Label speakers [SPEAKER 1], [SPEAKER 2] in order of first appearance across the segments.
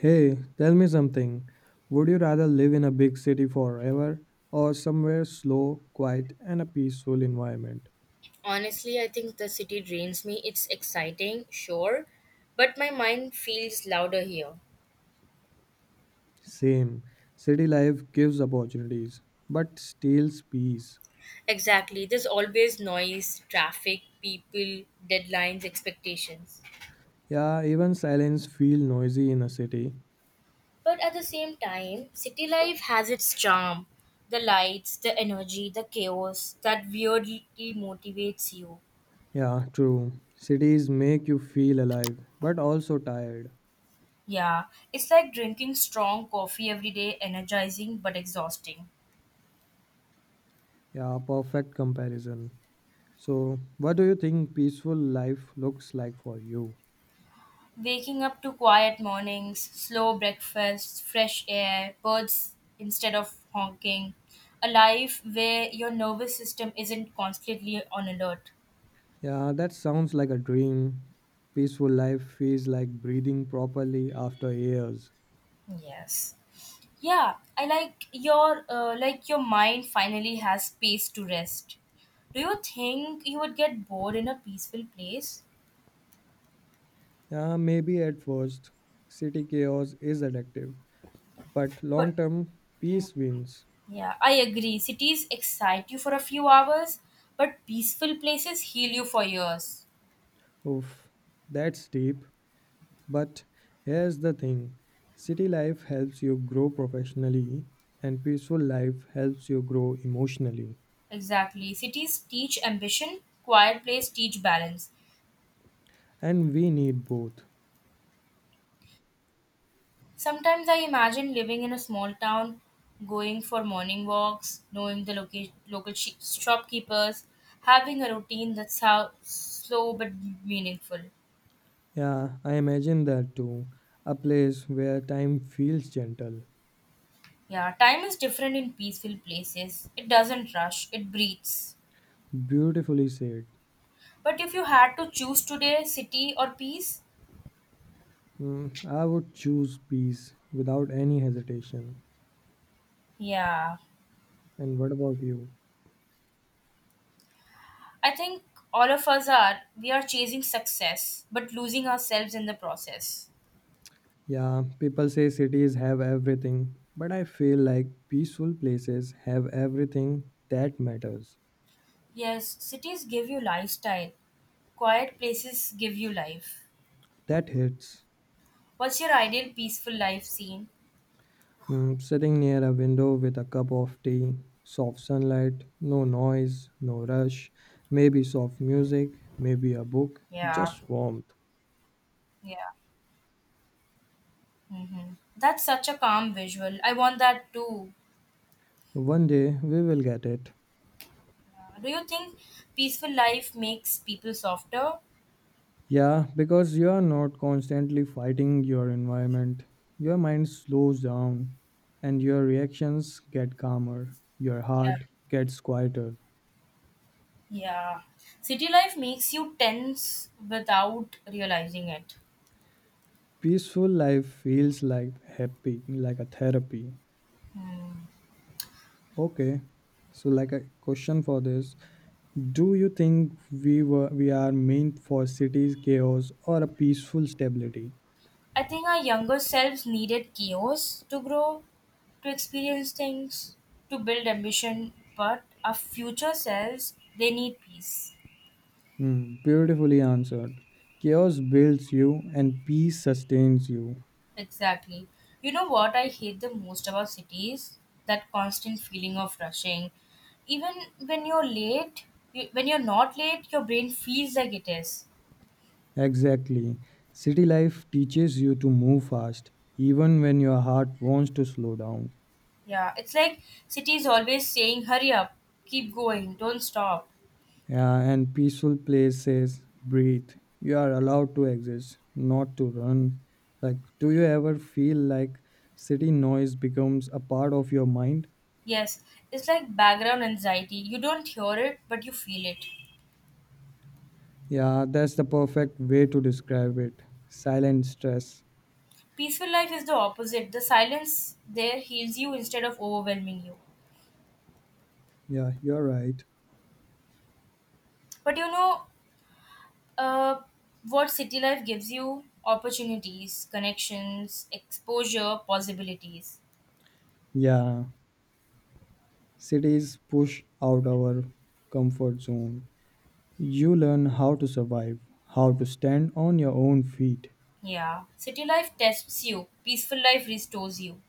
[SPEAKER 1] Hey, tell me something. Would you rather live in a big city forever or somewhere slow, quiet, and a peaceful environment?
[SPEAKER 2] Honestly, I think the city drains me. It's exciting, sure, but my mind feels louder here.
[SPEAKER 1] Same. City life gives opportunities, but steals peace.
[SPEAKER 2] Exactly. There's always noise, traffic, people, deadlines, expectations.
[SPEAKER 1] Yeah, even silence feel noisy in a city.
[SPEAKER 2] But at the same time, city life has its charm. The lights, the energy, the chaos that weirdly motivates you.
[SPEAKER 1] Yeah, true. Cities make you feel alive, but also tired.
[SPEAKER 2] Yeah, it's like drinking strong coffee every day, energizing but exhausting.
[SPEAKER 1] Yeah, perfect comparison. So, what do you think peaceful life looks like for you?
[SPEAKER 2] Waking up to quiet mornings, slow breakfasts, fresh air, birds instead of honking, a life where your nervous system isn't constantly on alert.
[SPEAKER 1] Yeah, that sounds like a dream. Peaceful life feels like breathing properly after years.
[SPEAKER 2] Yes. Yeah, I like your mind finally has space to rest. Do you think you would get bored in a peaceful place?
[SPEAKER 1] Yeah, maybe at first, city chaos is addictive, but
[SPEAKER 2] But
[SPEAKER 1] long term,
[SPEAKER 2] mm,
[SPEAKER 1] peace wins.
[SPEAKER 2] yeah, I agree. Cities excite you for a few hours, but peaceful places heal you for years.
[SPEAKER 1] Oof, that's deep. But here's the thing city life helps you grow professionally, and peaceful life helps you grow emotionally.
[SPEAKER 2] Exactly. Cities teach ambition, quiet place teach balance.
[SPEAKER 1] And we need both.
[SPEAKER 2] Sometimes I imagine living in a small town, going for morning walks, knowing the local shopkeepers, having a routine that's how slow but meaningful.
[SPEAKER 1] Yeah, I imagine that too. A place where time feels gentle.
[SPEAKER 2] Yeah, time is different in peaceful places. It doesn't rush, it breathes.
[SPEAKER 1] Beautifully said.
[SPEAKER 2] But if you had to choose today, city or peace?
[SPEAKER 1] Mm, I would choose peace without any hesitation.
[SPEAKER 2] Yeah.
[SPEAKER 1] And what about you?
[SPEAKER 2] I think all of us are we are chasing success but losing ourselves in the process.
[SPEAKER 1] Yeah, people say cities have everything, but I feel like peaceful places have everything that matters,
[SPEAKER 2] Yes, cities give you lifestyle. Quiet places give you life.
[SPEAKER 1] that hits.
[SPEAKER 2] What's your ideal peaceful life scene?
[SPEAKER 1] Mm, sitting near a window with a cup of tea, soft sunlight, no noise, no rush, maybe soft music, maybe a book,
[SPEAKER 2] Yeah,
[SPEAKER 1] just warmth.
[SPEAKER 2] yeah. That's such a calm visual. I want that too.
[SPEAKER 1] One day we will get it.
[SPEAKER 2] Do you think peaceful life makes people softer?
[SPEAKER 1] Yeah, because you are not constantly fighting your environment. Your mind slows down and your reactions get calmer. Your
[SPEAKER 2] Yeah,
[SPEAKER 1] heart gets quieter.
[SPEAKER 2] yeah. City life makes you tense without realizing it.
[SPEAKER 1] Peaceful life feels like happy, like a therapy.
[SPEAKER 2] Hmm.
[SPEAKER 1] Okay. So like a question for this, do you think we are meant for cities chaos or a peaceful stability?
[SPEAKER 2] I think our younger selves needed chaos to grow, to experience things, to build ambition, but our future selves, they need peace.
[SPEAKER 1] Hmm, beautifully answered. Chaos builds you and peace sustains you.
[SPEAKER 2] Exactly. You know what I hate the most about cities? That constant feeling of rushing. Even when you're late, when you're not late, your brain feels like it is.
[SPEAKER 1] Exactly. City life teaches you to move fast, even when your heart wants to slow down.
[SPEAKER 2] Yeah, it's like city is always saying, hurry up, keep going, don't stop.
[SPEAKER 1] Yeah, and peaceful places, breathe. You are allowed to exist, not to run. Like, do you ever feel like city noise becomes a part of your mind?
[SPEAKER 2] Yes, it's like background anxiety. You don't hear it, but you feel it.
[SPEAKER 1] Yeah, that's the perfect way to describe it. Silent stress.
[SPEAKER 2] Peaceful life is the opposite. The silence there heals you instead of overwhelming you.
[SPEAKER 1] Yeah, you're right.
[SPEAKER 2] But you know, uh, what city life gives you opportunities, connections, exposure, possibilities.
[SPEAKER 1] Yeah, cities push out our comfort zone. You learn how to survive, how to stand on your own feet.
[SPEAKER 2] Yeah. City life tests you, peaceful life restores you.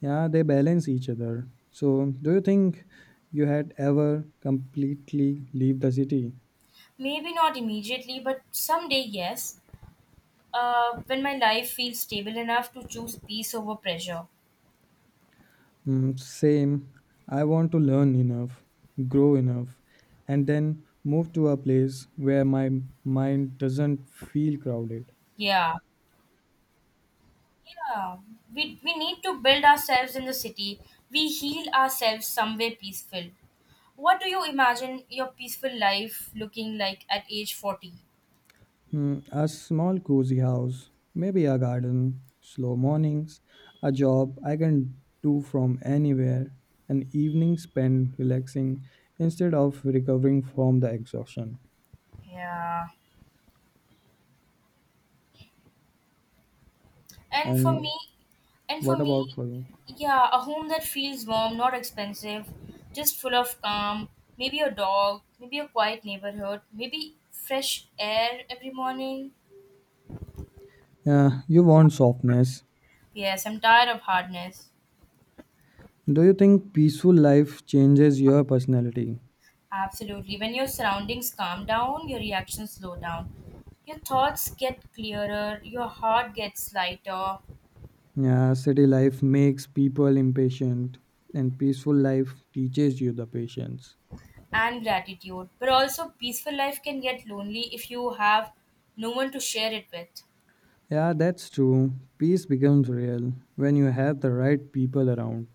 [SPEAKER 1] Yeah, they balance each other. So, do you think you had ever completely leave the city?
[SPEAKER 2] Maybe not immediately, but someday, yes. When my life feels stable enough to choose peace over pressure.
[SPEAKER 1] Mm, same. I want to learn enough, grow enough, and then move to a place where my mind doesn't feel crowded.
[SPEAKER 2] Yeah. Yeah, we need to build ourselves in the city. We heal ourselves somewhere peaceful. What do you imagine your peaceful life looking like at age 40?
[SPEAKER 1] Hmm, a small cozy house, maybe a garden, slow mornings, a job I can do from anywhere, an evening spent relaxing instead of recovering from the exhaustion.
[SPEAKER 2] Yeah. And for me,
[SPEAKER 1] And
[SPEAKER 2] and for
[SPEAKER 1] what
[SPEAKER 2] me,
[SPEAKER 1] about for you?
[SPEAKER 2] yeah, a home that feels warm, not expensive, just full of calm, maybe a dog, maybe a quiet neighborhood, maybe fresh air every morning.
[SPEAKER 1] Yeah, you want softness.
[SPEAKER 2] Yes, I'm tired of hardness.
[SPEAKER 1] Do you think peaceful life changes your personality?
[SPEAKER 2] Absolutely. When your surroundings calm down, your reactions slow down. Your thoughts get clearer, your heart gets lighter,
[SPEAKER 1] Yeah, city life makes people impatient, and peaceful life teaches you the patience.
[SPEAKER 2] and gratitude. But also, peaceful life can get lonely if you have no one to share it with.
[SPEAKER 1] Yeah, that's true. Peace becomes real when you have the right people around.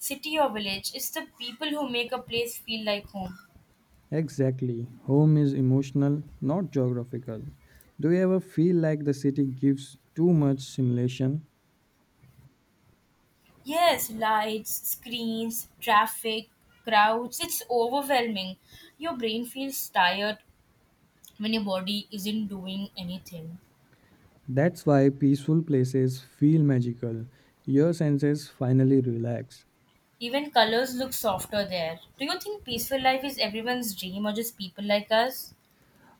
[SPEAKER 2] City or village, it's the people who make a place feel like home.
[SPEAKER 1] Exactly. Home is emotional, not geographical. Do you ever feel like the city gives too much stimulation?
[SPEAKER 2] Yes, lights, screens, traffic, crowds, it's overwhelming. Your brain feels tired when your body isn't doing anything.
[SPEAKER 1] That's why peaceful places feel magical. Your senses finally relax.
[SPEAKER 2] Even colors look softer there. Do you think peaceful life is everyone's dream or just people like us?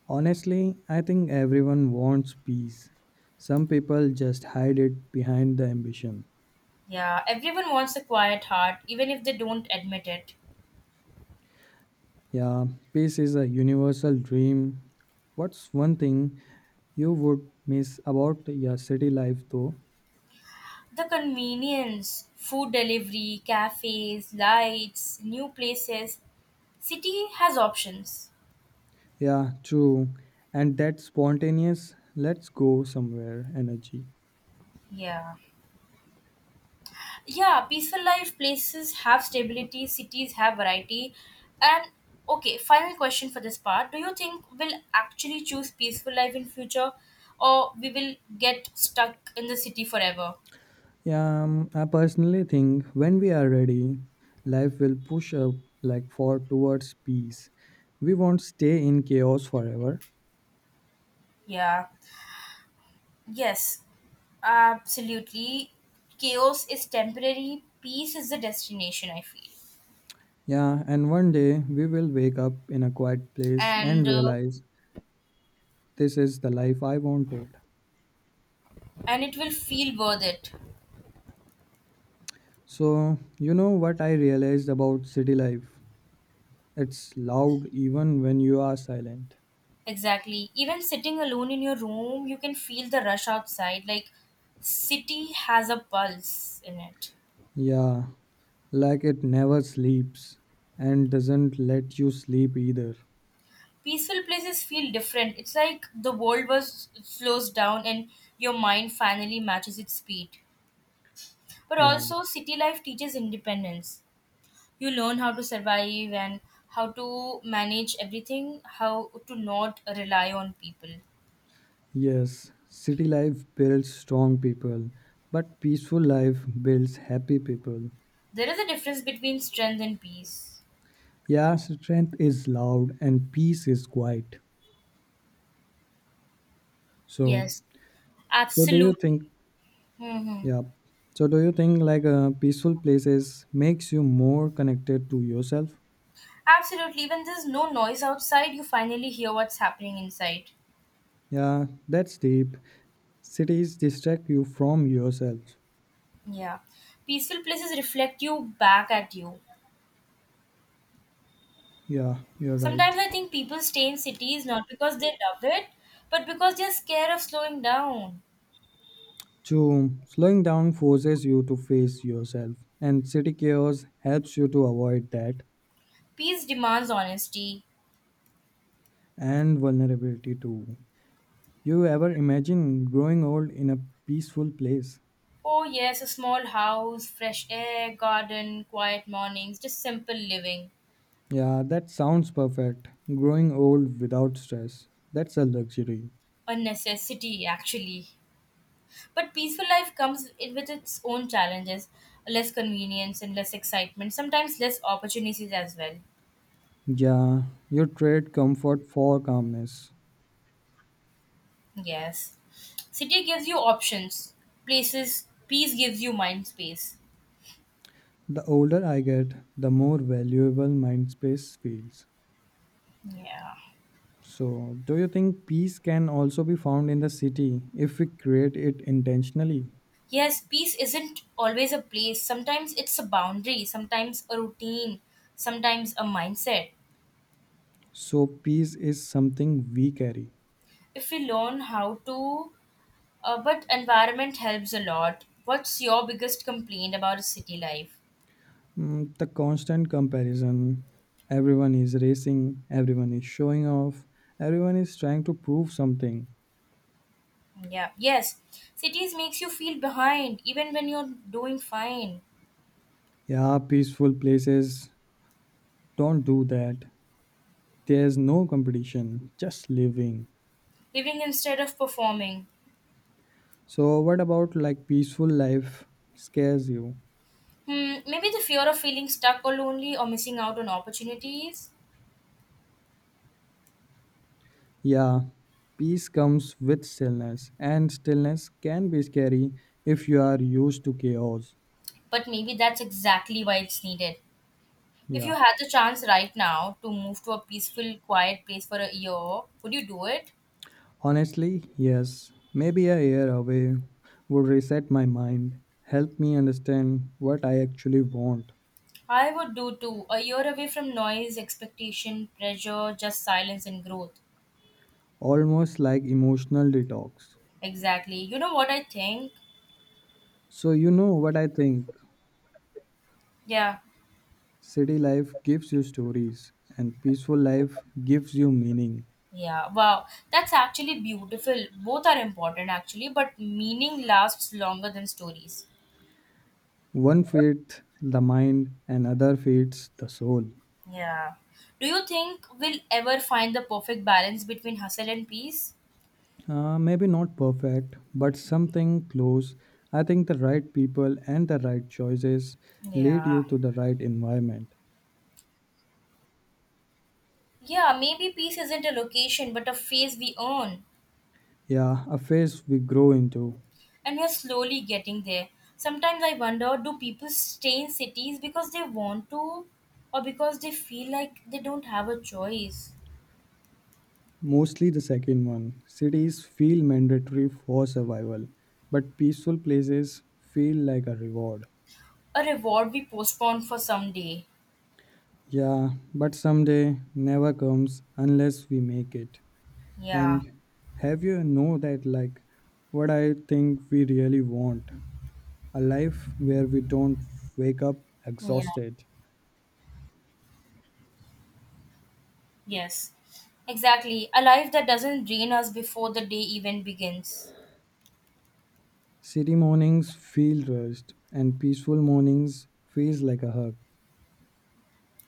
[SPEAKER 1] Honestly, I think everyone wants peace. Some people just hide it behind the ambition.
[SPEAKER 2] Yeah, everyone wants a quiet heart, even if they don't admit it.
[SPEAKER 1] Yeah, peace is a universal dream. What's one thing you would miss about your city life though?
[SPEAKER 2] The convenience, food delivery, cafes, lights, new places. City has options.
[SPEAKER 1] Yeah, true. And that spontaneous, let's go somewhere energy.
[SPEAKER 2] Yeah. Yeah, peaceful life places have stability, cities have variety. And okay, final question for this part. Do you think we'll actually choose peaceful life in future or we will get stuck in the city forever?
[SPEAKER 1] Yeah, I personally think when we are ready, life will push up like for towards peace. We won't stay in chaos forever.
[SPEAKER 2] Yeah. Yes. Absolutely. Chaos is temporary, peace is the destination, I feel.
[SPEAKER 1] Yeah, and one day we will wake up in a quiet place and
[SPEAKER 2] And uh,
[SPEAKER 1] realize this is the life I wanted.
[SPEAKER 2] and it will feel worth it.
[SPEAKER 1] So, you know what I realized about city life? It's loud even when you are silent.
[SPEAKER 2] Exactly, even sitting alone in your room you can feel the rush outside, like city has a pulse in it.
[SPEAKER 1] Yeah, like it never sleeps and doesn't let you sleep either.
[SPEAKER 2] Peaceful places feel different, it's like the world was slows down and your mind finally matches its speed. But
[SPEAKER 1] Yeah,
[SPEAKER 2] also city life teaches independence, you learn how to survive and how to manage everything, how to not rely on people.
[SPEAKER 1] yes, city life builds strong people, but peaceful life builds happy people.
[SPEAKER 2] There is a difference between strength and peace.
[SPEAKER 1] Yeah, strength is loud and peace is quiet. So,
[SPEAKER 2] Yes,
[SPEAKER 1] so do you
[SPEAKER 2] absolutely.
[SPEAKER 1] think,
[SPEAKER 2] Mm-hmm.
[SPEAKER 1] yeah, so do you think like peaceful places makes you more connected to yourself?
[SPEAKER 2] Absolutely. When there's no noise outside, you finally hear what's happening inside.
[SPEAKER 1] Yeah, that's deep. Cities distract you from yourself.
[SPEAKER 2] Yeah. Peaceful places reflect you back at you.
[SPEAKER 1] Yeah, you're
[SPEAKER 2] Sometimes
[SPEAKER 1] right.
[SPEAKER 2] I think people stay in cities not because they love it, but because they're scared of slowing down.
[SPEAKER 1] Two, slowing down forces you to face yourself, and city chaos helps you to avoid that
[SPEAKER 2] Peace demands honesty.
[SPEAKER 1] and vulnerability too. You ever imagine growing old in a peaceful place?
[SPEAKER 2] Oh, yes, a small house, fresh air, garden, quiet mornings, just simple living.
[SPEAKER 1] Yeah, that sounds perfect. Growing old without stress. That's a luxury.
[SPEAKER 2] A necessity, actually. But peaceful life with its own challenges, less convenience and less excitement, sometimes less opportunities as well.
[SPEAKER 1] Yeah, you trade comfort for calmness.
[SPEAKER 2] Yes. City gives you options, places, peace gives you mind space.
[SPEAKER 1] The older I get, the more valuable mind space feels.
[SPEAKER 2] Yeah.
[SPEAKER 1] So, do you think peace can also be found in the city if we create it intentionally?
[SPEAKER 2] Yes, peace isn't always a place. Sometimes it's a boundary, sometimes a routine, sometimes a mindset.
[SPEAKER 1] So, peace is something we carry.
[SPEAKER 2] If we learn how to, but environment helps a lot. What's your biggest complaint about city life?
[SPEAKER 1] Mm, the constant comparison everyone is racing, everyone is showing off, everyone is trying to prove something.
[SPEAKER 2] Yeah, yes. Cities makes you feel behind even when you're doing fine.
[SPEAKER 1] Yeah, peaceful places don't do that. There's no competition, just living.
[SPEAKER 2] Living instead of performing.
[SPEAKER 1] So, what about like peaceful life scares you?
[SPEAKER 2] Hmm, maybe the fear of feeling stuck or lonely or missing out on opportunities.
[SPEAKER 1] Yeah, peace comes with stillness, and stillness can be scary if you are used to chaos.
[SPEAKER 2] But maybe that's exactly why it's needed. If
[SPEAKER 1] Yeah,
[SPEAKER 2] you had the chance right now to move to a peaceful, quiet place for a year, would you do it?
[SPEAKER 1] honestly, yes. Maybe a year away would reset my mind, help me understand what I actually want,
[SPEAKER 2] I would do too. A year away from noise, expectation, pressure, just silence and growth.
[SPEAKER 1] almost like emotional detox.
[SPEAKER 2] Exactly. You know what I think?
[SPEAKER 1] So, you know what I think?
[SPEAKER 2] Yeah.
[SPEAKER 1] City life gives you stories, and peaceful life gives you meaning.
[SPEAKER 2] Yeah, wow. That's actually beautiful. Both are important, actually, but meaning lasts longer than stories.
[SPEAKER 1] One feeds the mind, and other feeds the soul.
[SPEAKER 2] Yeah. Do you think we'll ever find the perfect balance between hustle and peace?
[SPEAKER 1] Maybe not perfect, but something close. I think the right people and the right choices lead
[SPEAKER 2] Yeah.
[SPEAKER 1] you to the right environment.
[SPEAKER 2] Yeah, maybe peace isn't a location, but a phase we own.
[SPEAKER 1] Yeah, a phase we grow into.
[SPEAKER 2] And we're slowly getting there. Sometimes I wonder, do people stay in cities because they want to, or because they feel like they don't have a choice?
[SPEAKER 1] Mostly the second one. Cities feel mandatory for survival, but peaceful places feel like a reward.
[SPEAKER 2] A reward we postpone for someday.
[SPEAKER 1] Yeah, but someday never comes unless we make it.
[SPEAKER 2] Yeah.
[SPEAKER 1] And have you know that like what I think we really want? A life where we don't wake up
[SPEAKER 2] Yeah.
[SPEAKER 1] exhausted.
[SPEAKER 2] Yes, exactly. A life that doesn't drain us before the day even begins.
[SPEAKER 1] City mornings feel rushed, and peaceful mornings feels like a hug.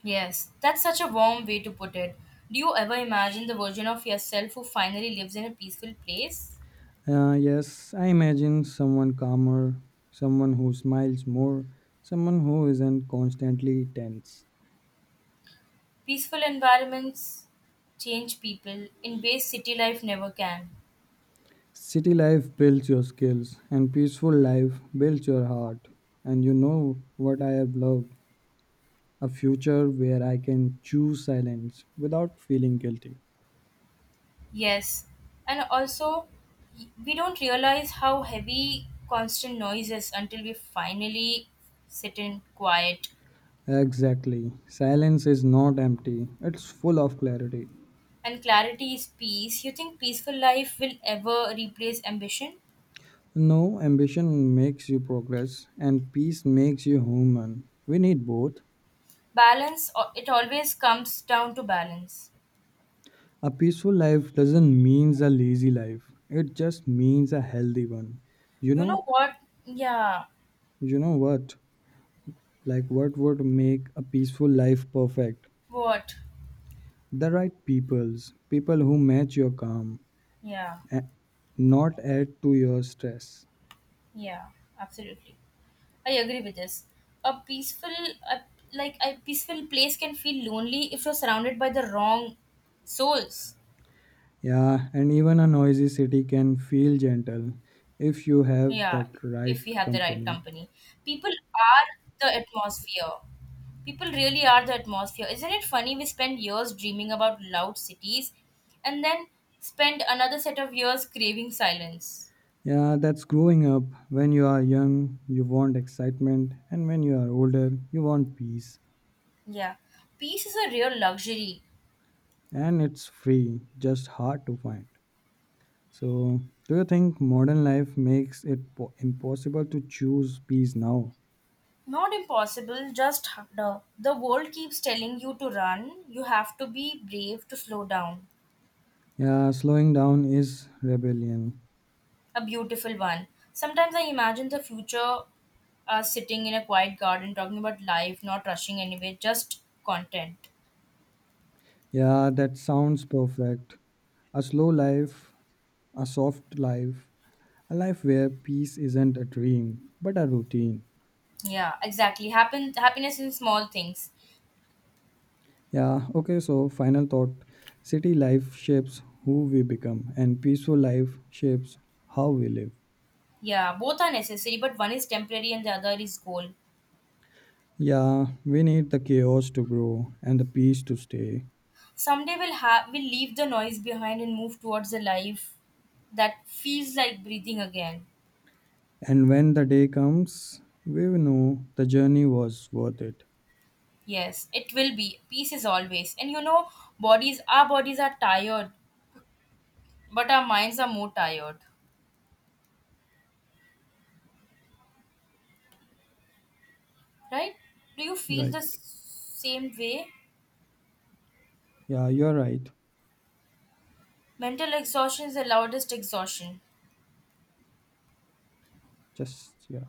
[SPEAKER 2] Yes, that's such a warm way to put it. Do you ever imagine the version of yourself who finally lives in a peaceful place?
[SPEAKER 1] Yes, I imagine someone calmer, someone who smiles more, someone who isn't constantly tense.
[SPEAKER 2] Peaceful environments change people in ways city life never can.
[SPEAKER 1] City life builds your skills, and peaceful life builds your heart. And you know what I have loved? A future where I can choose silence without feeling guilty.
[SPEAKER 2] Yes, and also we don't realize how heavy constant noise is until we finally sit in quiet.
[SPEAKER 1] Exactly. Silence is not empty, it's full of clarity.
[SPEAKER 2] And clarity is peace. You think peaceful life will ever replace ambition?
[SPEAKER 1] No, ambition makes you progress, and peace makes you human. We need both.
[SPEAKER 2] Balance, it always comes down to balance.
[SPEAKER 1] A peaceful life doesn't mean a lazy life, it just means a healthy one. You
[SPEAKER 2] You know
[SPEAKER 1] know,
[SPEAKER 2] what? Yeah,
[SPEAKER 1] you know what? Like, what would make a peaceful life perfect?
[SPEAKER 2] what?
[SPEAKER 1] The right peoples, people who match your calm,
[SPEAKER 2] Yeah,
[SPEAKER 1] a- not add to your stress.
[SPEAKER 2] yeah, absolutely. I agree with this. A peaceful, a, like a peaceful place can feel lonely if you're surrounded by the wrong souls.
[SPEAKER 1] Yeah, and even a noisy city can feel gentle if you have
[SPEAKER 2] Yeah,
[SPEAKER 1] that right
[SPEAKER 2] if we have the right
[SPEAKER 1] company.
[SPEAKER 2] company. People are the atmosphere. People really are the atmosphere. Isn't it funny we spend years dreaming about loud cities and then spend another set of years craving silence?
[SPEAKER 1] Yeah, that's growing up. When you are young, you want excitement, and when you are older, you want peace.
[SPEAKER 2] Yeah. Peace is a real luxury.
[SPEAKER 1] And it's free, just hard to find. So, do you think modern life makes it impossible to choose peace now?
[SPEAKER 2] Not impossible, just harder. The world keeps telling you to run. You have to be brave to slow down.
[SPEAKER 1] Yeah, slowing down is rebellion.
[SPEAKER 2] A beautiful one. Sometimes I imagine the future, sitting in a quiet garden talking about life, not rushing anywhere, just content.
[SPEAKER 1] Yeah, that sounds perfect. A slow life, a soft life, a life where peace isn't a dream, but a routine.
[SPEAKER 2] Yeah, exactly. Happen Happiness in small things.
[SPEAKER 1] Yeah, okay, so final thought city life shapes who we become, and peaceful life shapes how we live.
[SPEAKER 2] Yeah, both are necessary, but one is temporary and the other is goal.
[SPEAKER 1] Yeah, we need the chaos to grow and the peace to stay.
[SPEAKER 2] Someday we'll leave the noise behind and move towards a life that feels like breathing again.
[SPEAKER 1] And when the day comes, we will know the journey was worth it.
[SPEAKER 2] Yes, it will be. Peace is always. And you know, bodies our bodies are tired, but our minds are more tired. Right? Do you feel
[SPEAKER 1] Right.
[SPEAKER 2] the same way?
[SPEAKER 1] Yeah, you're right.
[SPEAKER 2] Mental exhaustion is the loudest exhaustion.
[SPEAKER 1] Just, yeah.